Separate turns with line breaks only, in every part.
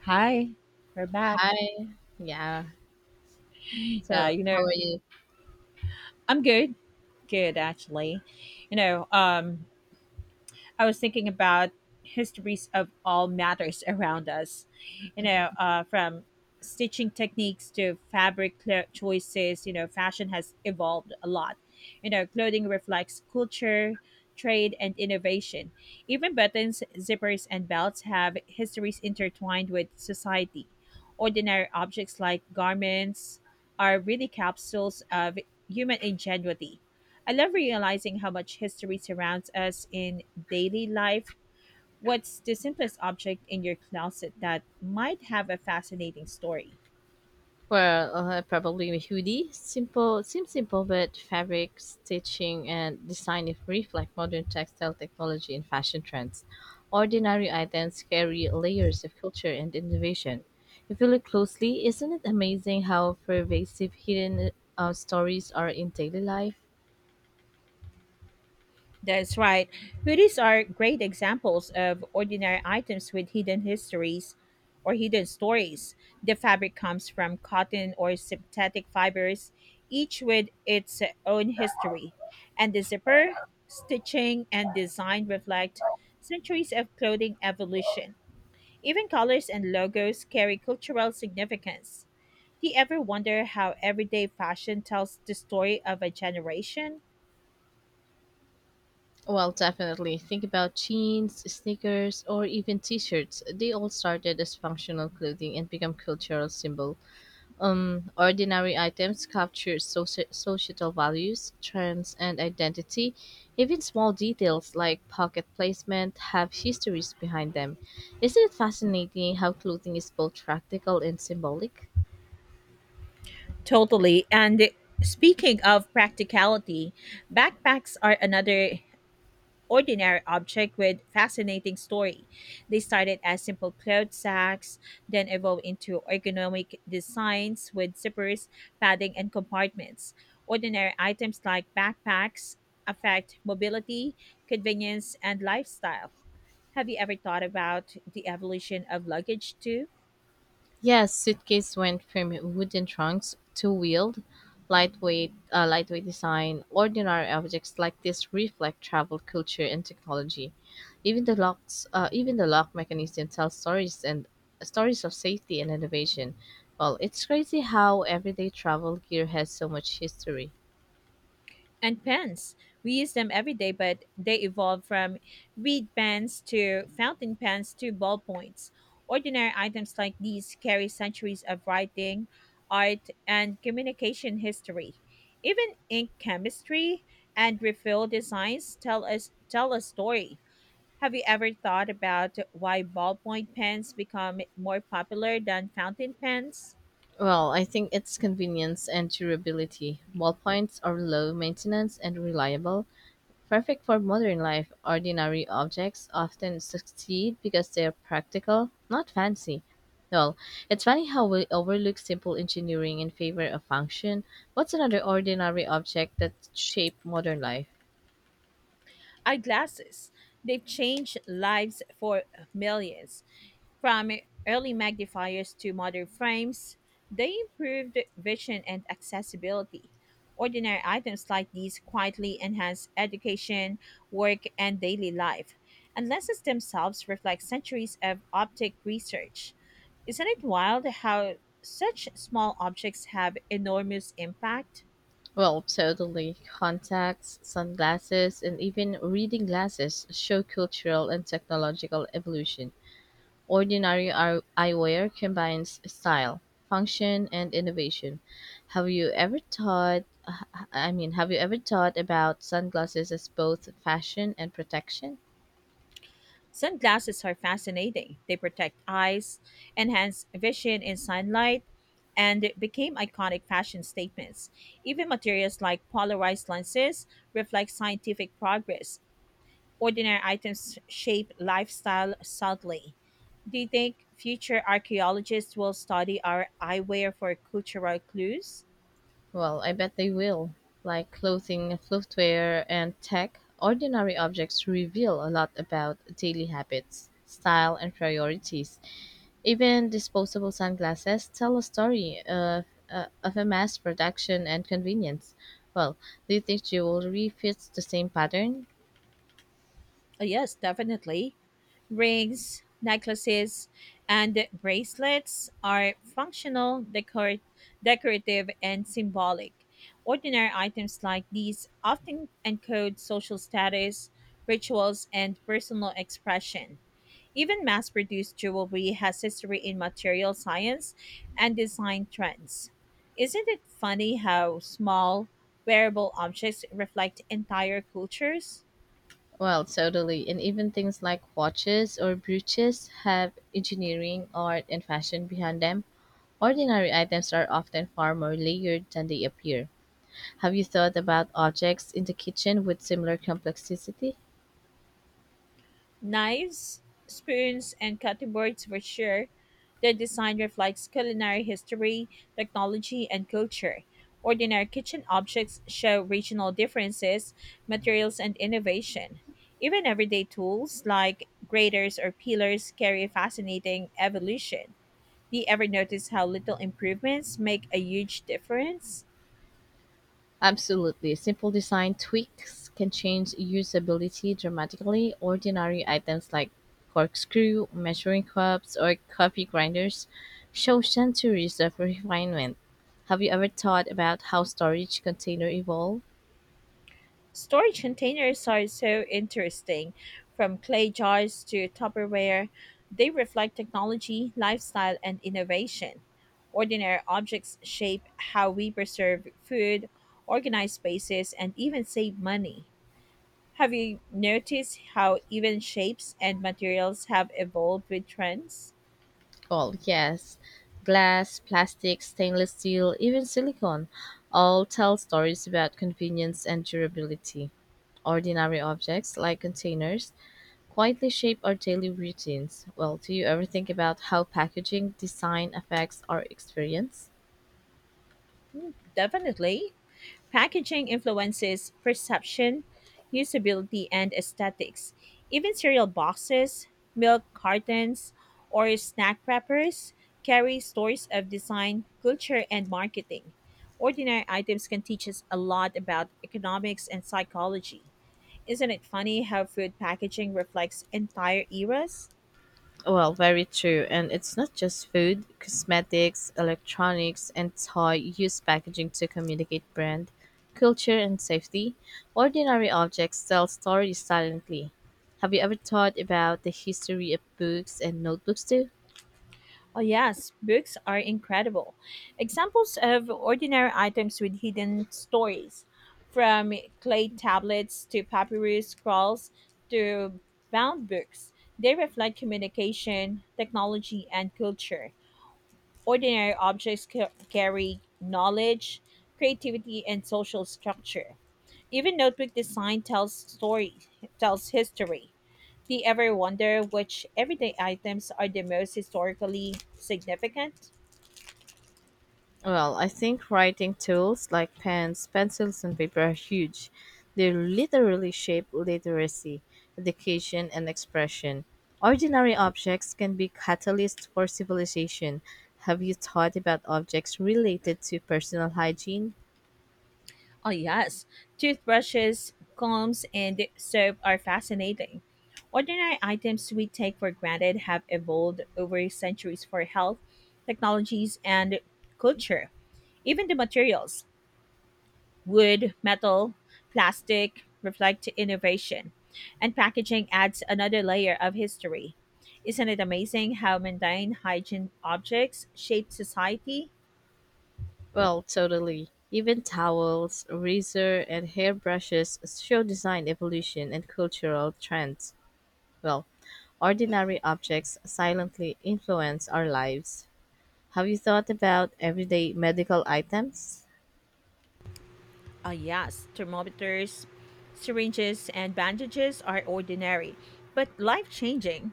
Hi, we're back.
Hi. Yeah. So,
Yeah, you know,
how are you?
I'm good. Good actually. You know, um I was thinking about histories of all matters around us,
hmm
from stitching techniques to choices. Fashion has evolved a lot. Clothing reflects culture, trade, and innovation. Even buttons, zippers, and belts have histories intertwined with society. Ordinary objects like garments are really capsules of human ingenuity. I love realizing how much history surrounds us in daily life. What's the simplest object in your closet that might have a fascinating story?
Well, probably a hoodie. Simple, seems simple, but fabric stitching and design if reflect modern textile technology and fashion trends. Ordinary items carry layers of culture and innovation. If you look closely, isn't it amazing how pervasive hidden stories are in daily life?
That's right. Hoodies are great examples of ordinary items with hidden histories or hidden stories. The fabric comes from cotton or synthetic fibers, each with its own history. And the zipper, stitching, and design reflect centuries of clothing evolution. Even colors and logos carry cultural significance. Do you ever wonder how everyday fashion tells the story of a generation?
Well, definitely. Think about jeans, sneakers, or even t-shirts. They all started as functional clothing and become cultural symbol. Ordinary items capture societal values, trends, and identity. Even small details like pocket placement have histories behind them. Isn't it fascinating how clothing is both practical and symbolic?
Totally. And speaking of practicality, backpacks are another ordinary object with fascinating story. They started as simple cloth sacks, then evolved into ergonomic designs with zippers, padding, and compartments. Ordinary items like backpacks affect mobility, convenience, and lifestyle. Have you ever thought about the evolution of luggage too?
Yes, suitcase went from wooden trunks to wheeled, lightweight, lightweight design. Ordinary objects like this reflect travel culture and technology. Even the even the lock mechanism tells stories and stories of safety and innovation. Well, it's crazy how everyday travel gear has so much history.
And pens. We use them every day, but they evolved from reed pens to fountain pens to ballpoints. Ordinary items like these carry centuries of writing, art, and communication history. Even ink chemistry and refill designs tell a story. Have you ever thought about why ballpoint pens become more popular than fountain pens?
Well, I think it's convenience and durability. Ballpoints are low maintenance and reliable, perfect for modern life, ordinary objects often succeed because they're practical, not fancy. Well, it's funny how we overlook simple engineering in favor of function. What's another ordinary object that shaped modern life?
Eyeglasses. They've changed lives for millions. From early magnifiers to modern frames, they improved vision and accessibility. Ordinary items like these quietly enhance education, work, and daily life, and lenses themselves reflect centuries of optic research. Isn't it wild how such small objects have enormous impact?
Well, totally. Contacts, sunglasses, and even reading glasses show cultural and technological evolution. Ordinary eyewear combines style, function, and innovation. Have you ever thought I mean, have you ever thought about sunglasses as both fashion and protection?
Sunglasses are fascinating. They protect eyes, enhance vision in sunlight, and became iconic fashion statements. Even materials like polarized lenses reflect scientific progress. Ordinary items shape lifestyle subtly. Do you think future archaeologists will study our eyewear for cultural clues?
Well, I bet they will. Like clothing, footwear, and tech, ordinary objects reveal a lot about daily habits, style, and priorities. Even disposable sunglasses tell a story of a mass production and convenience. Well, do you think jewelry fits the same pattern?
Yes, definitely. Rings, necklaces, and bracelets are functional, decorative, and symbolic. Ordinary items like these often encode social status, rituals, and personal expression. Even mass produced jewelry has history in material science and design trends. Isn't it funny how small, wearable objects reflect entire cultures?
Well, totally. And even things like watches or brooches have engineering, art, and fashion behind them. Ordinary items are often far more layered than they appear. Have you thought about objects in the kitchen with similar complexity?
Knives, spoons, and cutting boards for sure. Their design reflects culinary history, technology, and culture. Ordinary kitchen objects show regional differences, materials, and innovation. Even everyday tools like graters or peelers carry a fascinating evolution. Do you ever notice how little improvements make a huge difference?
Absolutely, simple design tweaks can change usability dramatically. Ordinary items like corkscrew, measuring cups, or coffee grinders show centuries of refinement. Have you ever thought about how storage container evolved?
Storage containers are so interesting. From clay jars to Tupperware, they reflect technology, lifestyle, and innovation. Ordinary objects shape how we preserve food, organize spaces, and even save money. Have you noticed how even shapes and materials have evolved with trends?
Oh yes. Glass, plastic, stainless steel, even silicone all tell stories about convenience and durability. Ordinary objects like containers quietly shape our daily routines. Well, do you ever think about how packaging design affects our experience?
Definitely. Packaging influences perception, usability, and aesthetics. Even cereal boxes, milk cartons, or snack wrappers carry stories of design, culture, and marketing. Ordinary items can teach us a lot about economics and psychology. Isn't it funny how food packaging reflects entire eras?
Well, very true. And it's not just food, cosmetics, electronics, and toy use packaging to communicate brand, culture, and safety. Ordinary objects tell stories silently. Have you ever thought about the history of books and notebooks too?
Oh, yes, books are incredible. Examples of ordinary items with hidden stories, from clay tablets to papyrus scrolls to bound books. They reflect communication, technology, and culture. Ordinary objects carry knowledge, creativity, and social structure. Even notebook design tells history. Do you ever wonder which everyday items are the most historically significant?
Well, I think writing tools like pens, pencils, and paper are huge. They literally shape literacy, education, and expression. Ordinary objects can be catalysts for civilization. Have you thought about objects related to personal hygiene?
Oh yes, toothbrushes, combs, and soap are fascinating. Ordinary items we take for granted have evolved over centuries for health, technologies, and culture. Even the materials, wood, metal, plastic reflect innovation, and packaging adds another layer of history. Isn't it amazing how mundane hygiene objects shape society?
Well, totally. Even towels, razor, and hairbrushes show design evolution and cultural trends. Well, ordinary objects silently influence our lives. Have you thought about everyday medical items?
Ah, yes, thermometers, syringes, and bandages are ordinary, but life changing.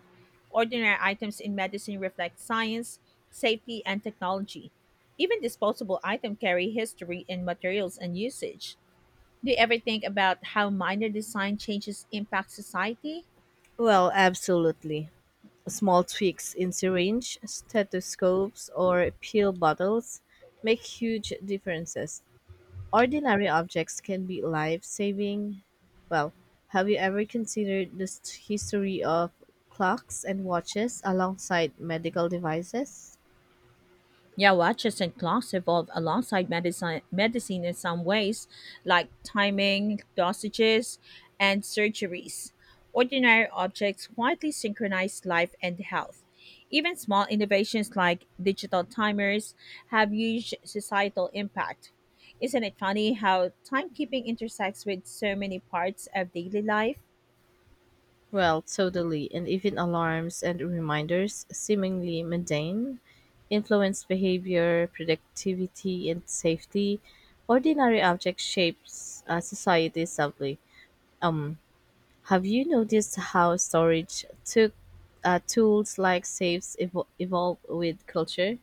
Ordinary items in medicine reflect science, safety, and technology. Even disposable items carry history in materials and usage. Do you ever think about how minor design changes impact society?
Well, absolutely. Small tweaks in syringe, stethoscopes, or pill bottles make huge differences. Ordinary objects can be life saving. Well, have you ever considered the history of clocks and watches alongside medical devices?
Yeah, watches and clocks evolve alongside medicine in some ways, like timing, dosages, and surgeries. Ordinary objects quietly synchronize life and health. Even small innovations like digital timers have huge societal impact. Isn't it funny how timekeeping intersects with so many parts of daily life?
Well, totally. And even alarms and reminders, seemingly mundane, influence behavior, productivity, and safety. Ordinary object shapes society subtly. Um, have you noticed how storage took tools like safes evolve with culture?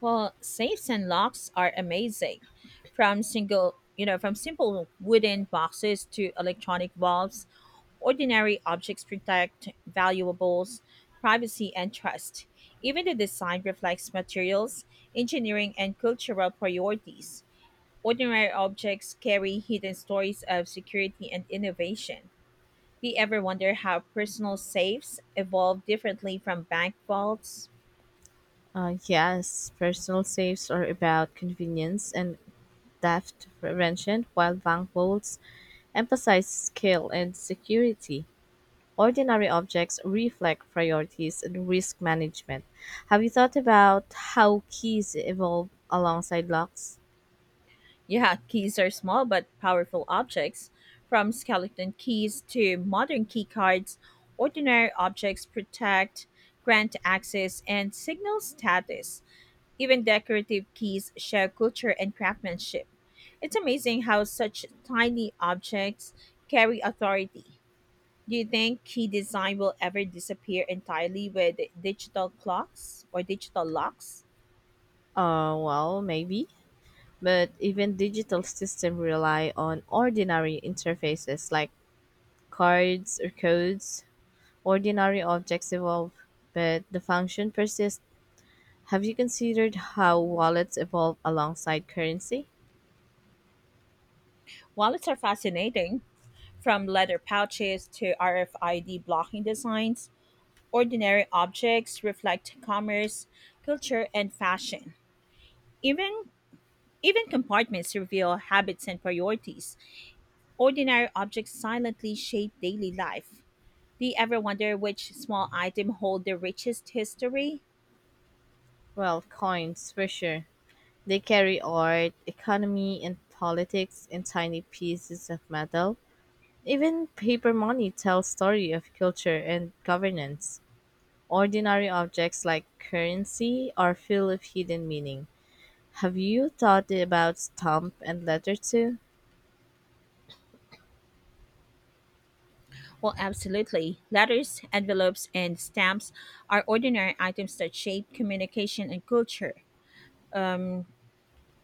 Well, safes and locks are amazing. From from simple wooden boxes to electronic valves, ordinary objects protect valuables, privacy, and trust. Even the design reflects materials, engineering, and cultural priorities. Ordinary objects carry hidden stories of security and innovation. Do you ever wonder how personal safes evolved differently from bank vaults?
Yes, personal safes are about convenience and theft prevention, while bank vaults emphasize skill and security. Ordinary objects reflect priorities and risk management. Have you thought about how keys evolve alongside locks?
Yeah, keys are small but powerful objects. From skeleton keys to modern key cards, ordinary objects protect, grant access, and signal status. Even decorative keys show culture and craftsmanship. It's amazing how such tiny objects carry authority. Do you think key design will ever disappear entirely with digital clocks or digital locks?
Well, maybe. But even digital systems rely on ordinary interfaces like cards or codes. Ordinary objects evolve, but the function persists. Have you considered how wallets evolve alongside currency?
Wallets are fascinating. From leather pouches to RFID blocking designs, ordinary objects reflect commerce, culture, and fashion. Even even compartments reveal habits and priorities. Ordinary objects silently shape daily life. Do you ever wonder which small item hold the richest history?
Well, coins for sure, they carry art, economy, and politics in tiny pieces of metal. Even paper money tells story of culture and governance. Ordinary objects like currency are full of hidden meaning. Have you thought about stamp and letter too?
Well, absolutely. Letters, envelopes, and stamps are ordinary items that shape communication and culture. Um,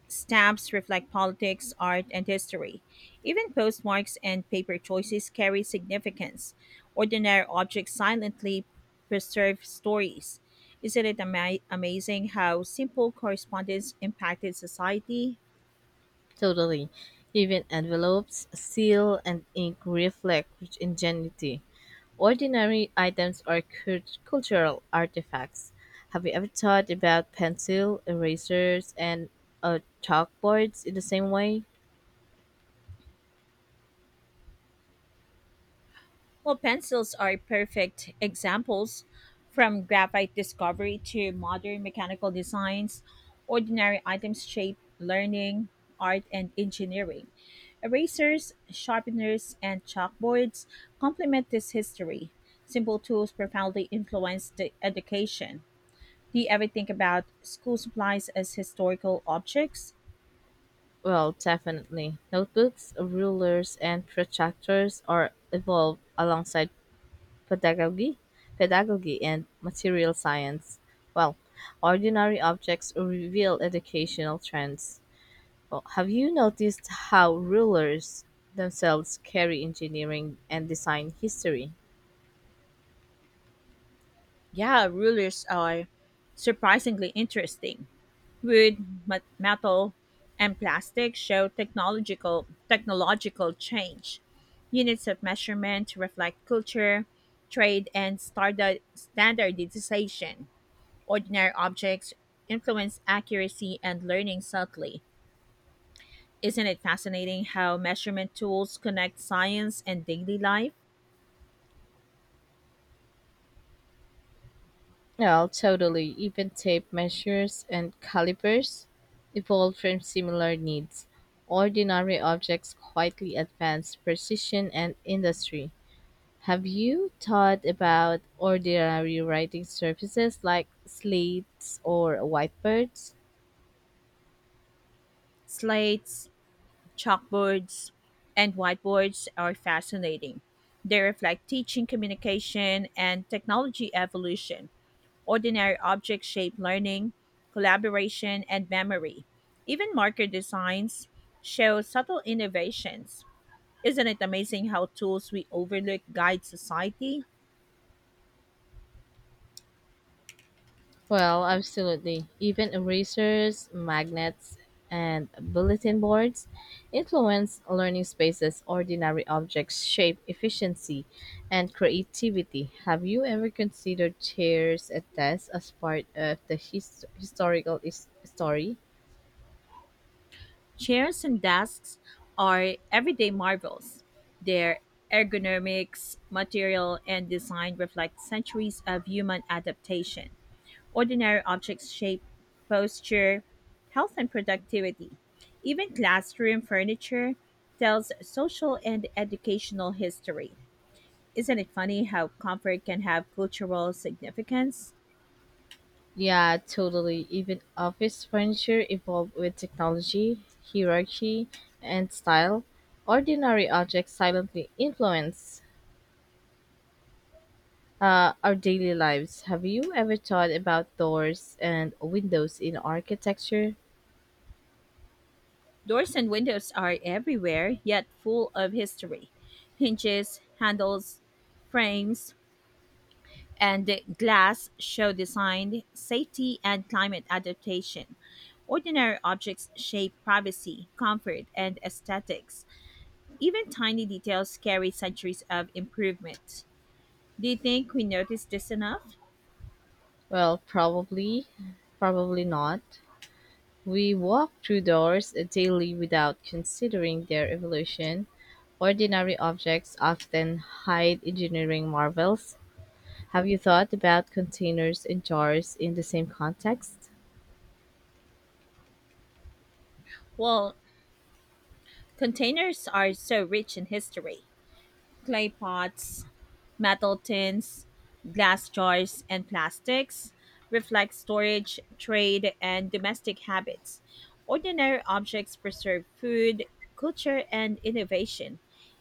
Stamps reflect politics, art, and history. Even postmarks and paper choices carry significance. Ordinary objects silently preserve stories. Isn't it amazing how simple correspondence impacted society?
Totally. Even envelopes, seal, and ink reflect ingenuity. Ordinary items are cultural artifacts. Have you ever thought about pencil, erasers, and chalkboards in the same way?
Well, pencils are perfect examples. From graphite discovery to modern mechanical designs, ordinary items shape learning, art, and engineering. Erasers, sharpeners, and chalkboards complement this history. Simple tools profoundly influence the education. Do you ever think about school supplies as historical objects?
Well, definitely. Notebooks, rulers, and protractors are evolved alongside pedagogy, pedagogy, and material science. Well, ordinary objects reveal educational trends. Well, have you noticed how rulers themselves carry engineering and design history?
Yeah, rulers are surprisingly interesting. Wood, metal, and plastic show technological change. Units of measurement reflect culture, trade, and standardization. Ordinary objects influence accuracy and learning subtly. Isn't it fascinating how measurement tools connect science and daily life?
Well, totally. Even tape measures and calipers evolved from similar needs. Ordinary objects quietly advance precision and industry. Have you thought about ordinary writing surfaces like slates or whiteboards?
Slates, chalkboards and whiteboards are fascinating. They reflect teaching, communication, and technology evolution. Ordinary objects shape learning, collaboration, and memory. Even marker designs show subtle innovations. Isn't it amazing how tools we overlook guide society?
Well, absolutely. Even erasers, magnets, and bulletin boards influence learning spaces. Ordinary objects shape efficiency and creativity. Have you ever considered chairs at desks as part of the historical story?
Chairs and desks are everyday marvels. Their ergonomics, material, and design reflect centuries of human adaptation. Ordinary objects shape, posture, health, and productivity. Even classroom furniture tells social and educational history. Isn't it funny how comfort can have cultural significance?
Yeah, totally. Even office furniture evolved with technology, hierarchy, and style. Ordinary objects silently influence our daily lives. Have you ever thought about doors and windows in architecture?
Doors and windows are everywhere, yet full of history. Hinges, handles, frames, and glass show design, safety, and climate adaptation. Ordinary objects shape privacy, comfort, and aesthetics. Even tiny details carry centuries of improvement. Do you think we notice this enough?
Well, probably not. We walk through doors daily without considering their evolution. Ordinary objects often hide engineering marvels. Have you thought about containers and jars in the same context?
Well, containers are so rich in history. Clay pots, metal tins, glass jars, and plastics reflect storage, trade, and domestic habits. Ordinary objects preserve food, culture, and innovation.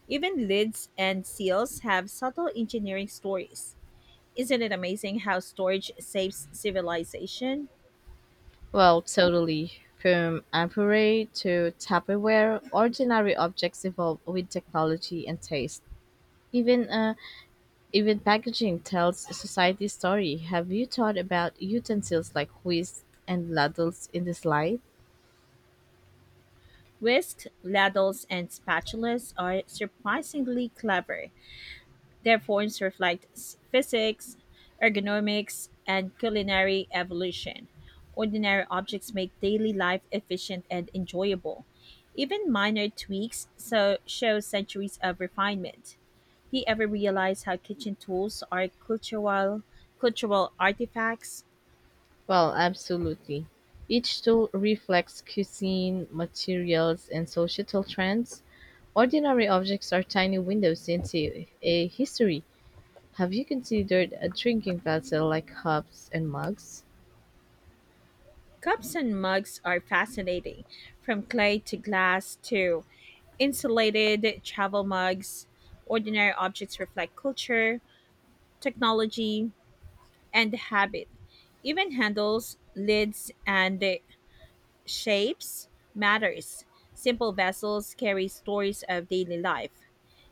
Even lids and seals have subtle engineering stories. Isn't it amazing how storage saves civilization?
Well, totally. From ampere to Tupperware, ordinary objects evolve with technology and taste. Even even packaging tells a society story. Have you thought about utensils like whisks and ladles in this light?
Whisks, ladles, and spatulas are surprisingly clever. Their forms reflect physics, ergonomics, and culinary evolution. Ordinary objects make daily life efficient and enjoyable. Even minor tweaks so show centuries of refinement. Do you ever realize how kitchen tools are cultural artifacts?
Well, absolutely. Each tool reflects cuisine, materials, and societal trends. Ordinary objects are tiny windows into a history. Have you considered a drinking vessel like cups and mugs?
Cups and mugs are fascinating, from clay to glass to insulated travel mugs, ordinary objects reflect culture, technology, and habit. Even handles, lids, and shapes matters. Simple vessels carry stories of daily life.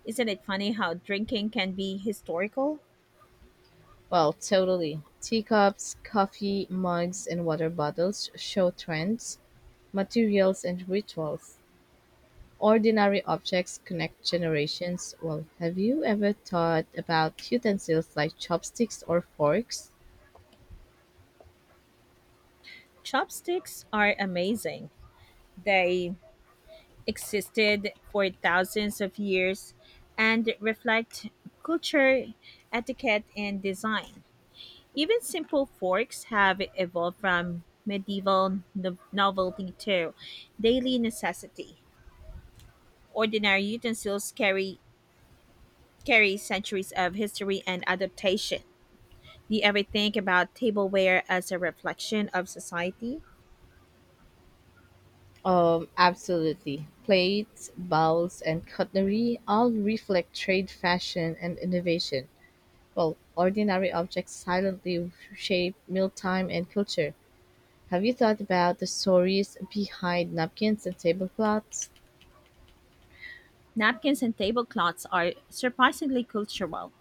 Isn't it funny how drinking can be historical?
Well, totally. Teacups, coffee mugs, and water bottles show trends, materials, and rituals. Ordinary objects connect generations. Well, have you ever thought about utensils like chopsticks or forks?
Chopsticks are amazing. They existed for thousands of years and reflect culture, etiquette, and design. Even simple forks have evolved from medieval novelty to daily necessity. Ordinary utensils carry centuries of history and adaptation. Do you ever think about tableware as a reflection of society?
Absolutely. Plates, bowls, and cutlery all reflect trade fashion and innovation. Well, ordinary objects silently shape mealtime and culture. Have you thought about the stories behind napkins and tablecloths?
Napkins and tablecloths are surprisingly cultural.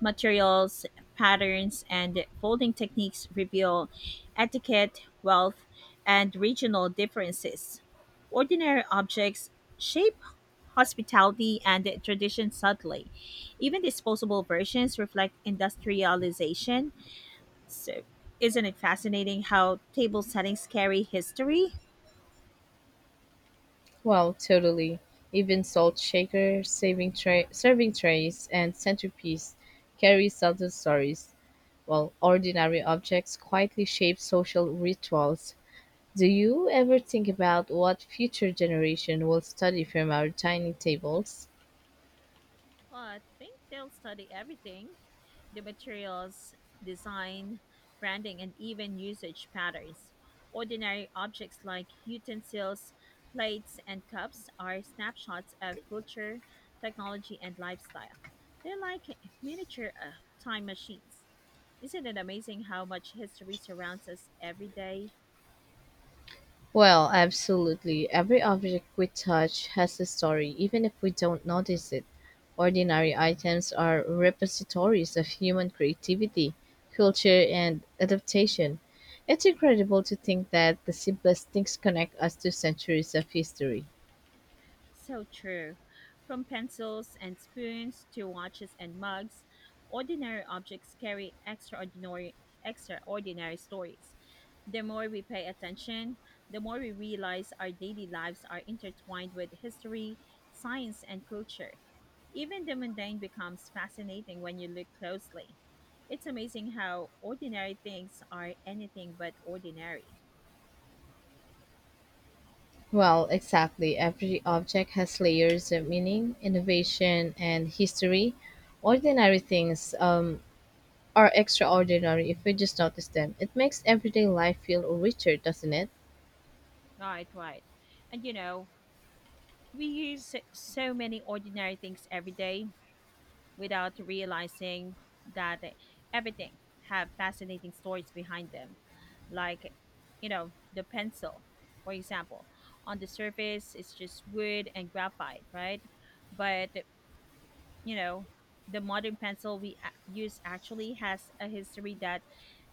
Materials, patterns, and folding techniques reveal etiquette, wealth, and regional differences. Ordinary objects shape hospitality and tradition subtly. Even disposable versions reflect industrialization. So, isn't it fascinating how table settings carry history?
Well, totally. Even salt shaker, saving tray, serving trays, and centerpiece carry subtle stories, while ordinary objects quietly shape social rituals. Do you ever think about what future generation will study from our dining tables?
Well, I think they'll study everything: the materials, design, branding, and even usage patterns. Ordinary objects like utensils, plates, and cups are snapshots of culture, technology, and lifestyle. They're like miniature time machines. Isn't it amazing how much history surrounds us every day?
Well, absolutely. Every object we touch has a story, even if we don't notice it. Ordinary items are repositories of human creativity, culture, and adaptation. It's incredible to think that the simplest things connect us to centuries of history.
So true. From pencils and spoons to watches and mugs, ordinary objects carry extraordinary stories. The more we pay attention, the more we realize our daily lives are intertwined with history, science, and culture. Even the mundane becomes fascinating when you look closely. It's amazing how ordinary things are anything but ordinary.
Well, exactly. Every object has layers of meaning, innovation, and history. Ordinary things are extraordinary if we just notice them. It makes everyday life feel richer, doesn't it?
Right, right. And you know, we use so many ordinary things every day without realizing that everything have fascinating stories behind them. Like, the pencil, for example. On the surface, it's just wood and graphite, right? But you know the modern pencil we use actually has a history that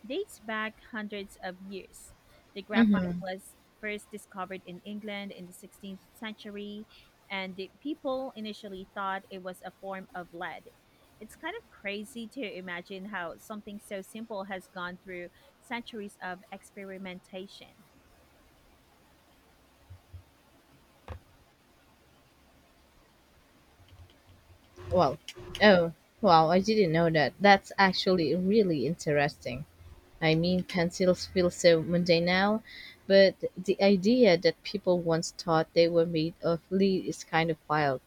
dates back hundreds of years. The graphite
Mhm.
was first discovered in England in the 16th century, and the people initially thought it was a form of lead. It's kind of crazy to imagine how something so simple has gone through centuries of experimentation.
Well, oh, wow, I didn't know that. That's actually really interesting. I mean, pencils feel so mundane now, but the idea that people once thought they were made of lead is kind of wild.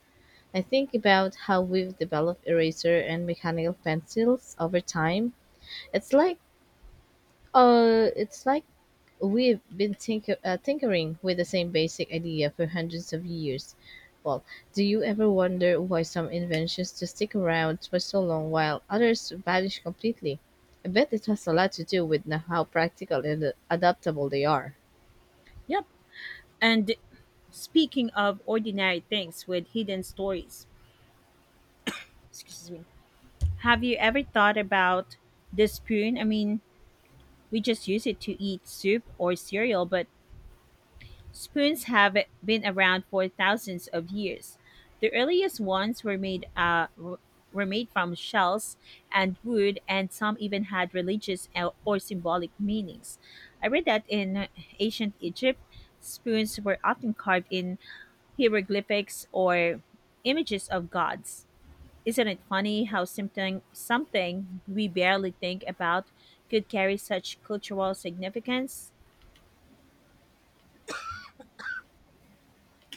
I think about how we've developed eraser and mechanical pencils over time. It's like it's like we've been tinkering with the same basic idea for hundreds of years. Well, do you ever wonder why some inventions just stick around for so long while others vanish completely? I bet it has a lot to do with how practical and adaptable they are.
Yep. And speaking of ordinary things with hidden stories, have you ever thought about the spoon? I mean, we just use it to eat soup or cereal, but spoons have been around for thousands of years. The earliest ones were made from shells and wood, and some even had religious or symbolic meanings. I read that in ancient Egypt, spoons were often carved in hieroglyphics or images of gods. Isn't it funny how something we barely think about could carry such cultural significance?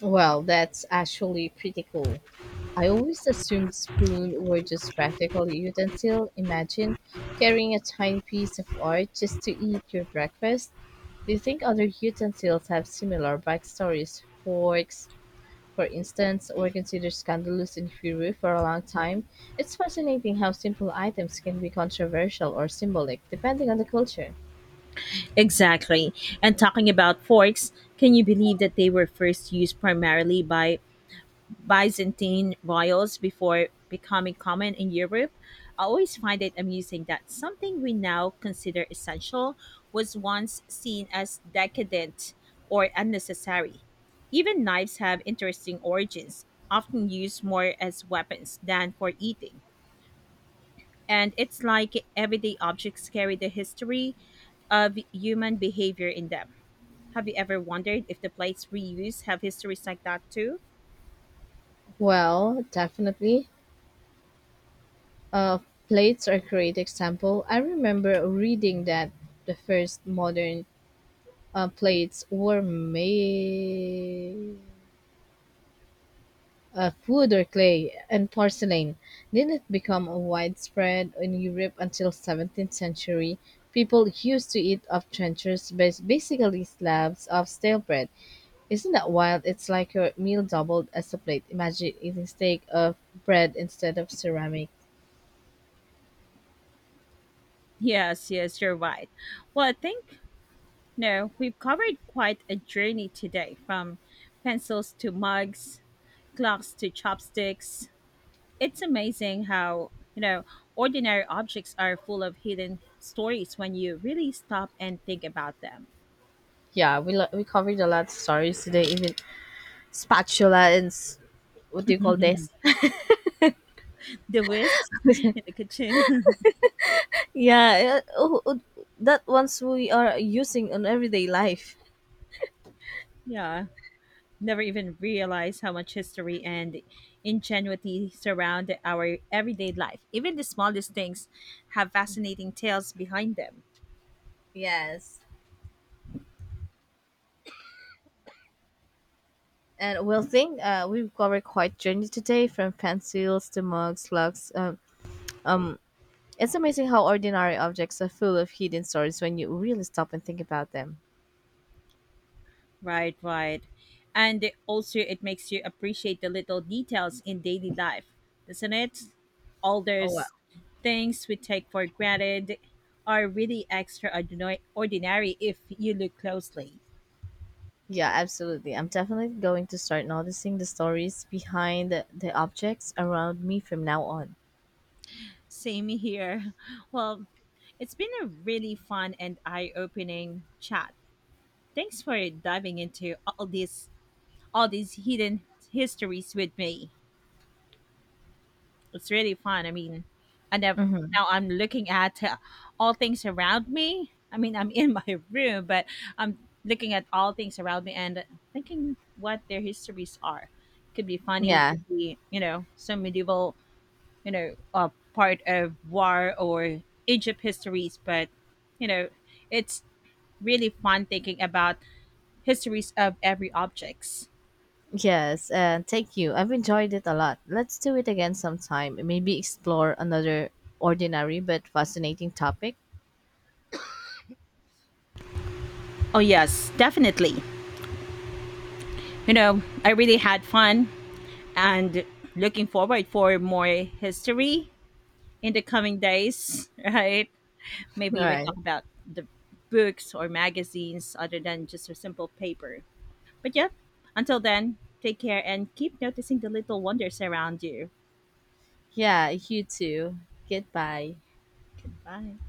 Well, that's actually pretty cool. I always assumed spoon were just practical utensil. Imagine carrying a tiny piece of art just to eat your breakfast. Do you think other utensils have similar backstories? Forks, for instance, were considered scandalous in Peru for a long time. It's fascinating how simple items can be controversial or symbolic, depending on the culture.
Exactly. And talking about forks, can you believe that they were first used primarily by Byzantine royals before becoming common in Europe. I always find it amusing that something we now consider essential was once seen as decadent or unnecessary. Even knives have interesting origins, often used more as weapons than for eating. And it's like everyday objects carry the history of human behavior in them. Have you ever wondered if the plates we use have histories like that too?
Well, definitely. Uh, plates are a great example. I remember reading that the first modern plates were made of wood or clay and porcelain didn't become widespread in Europe until 17th century. People used to eat off trenchers, basically slabs of stale bread. Isn't that wild? It's like your meal doubled as a plate. Imagine eating steak of bread instead of ceramic.
Yes, yes, you're right. Well, I think, no, we've covered quite a journey today from pencils to mugs, clocks to chopsticks. It's amazing how, you know, ordinary objects are full of hidden stories when you really stop and think about them.
Yeah, we covered a lot of stories today, even spatula and what do you call this?
The whisks in the kitchen.
Yeah, oh, that ones we are using on everyday life.
Yeah. Never even realize how much history and ingenuity surround our everyday life. Even the smallest things have fascinating tales behind them.
Yes. And we'll think we've covered quite journey today, from pencils to lugs. Um, it's amazing how ordinary objects are full of hidden stories when you really stop and think about them.
Right, right. And it- also, it makes you appreciate the little details in daily life, doesn't it? All
Oh wow!
those things we take for granted are really extraordinary ordinary if you look closely.
Yeah, absolutely. I'm definitely going to start noticing the stories behind the objects around me from now on.
Same here. Well, it's been a really fun and eye-opening chat. Thanks for diving into all these hidden histories with me. It's really fun. I mean, I never
Mm-hmm.
now I'm looking at all things around me. I mean, I'm in my room, but I'm looking at all things around me and thinking what their histories are. Could be funny,
Yeah.
could be some medieval you know uh, part of war or Egypt histories, but you know it's really fun thinking about histories of every objects.
Yes. And thank you. I've enjoyed it a lot. Let's do it again sometime. Maybe explore another ordinary but fascinating topic.
Oh yes, definitely. You know, I really had fun and looking forward for more history in the coming days, right?
All
Maybe we talk
right.
about the books or magazines other than just a simple paper. But yeah, until then, take care and keep noticing the little wonders around you.
Yeah, you too. Goodbye.
Goodbye.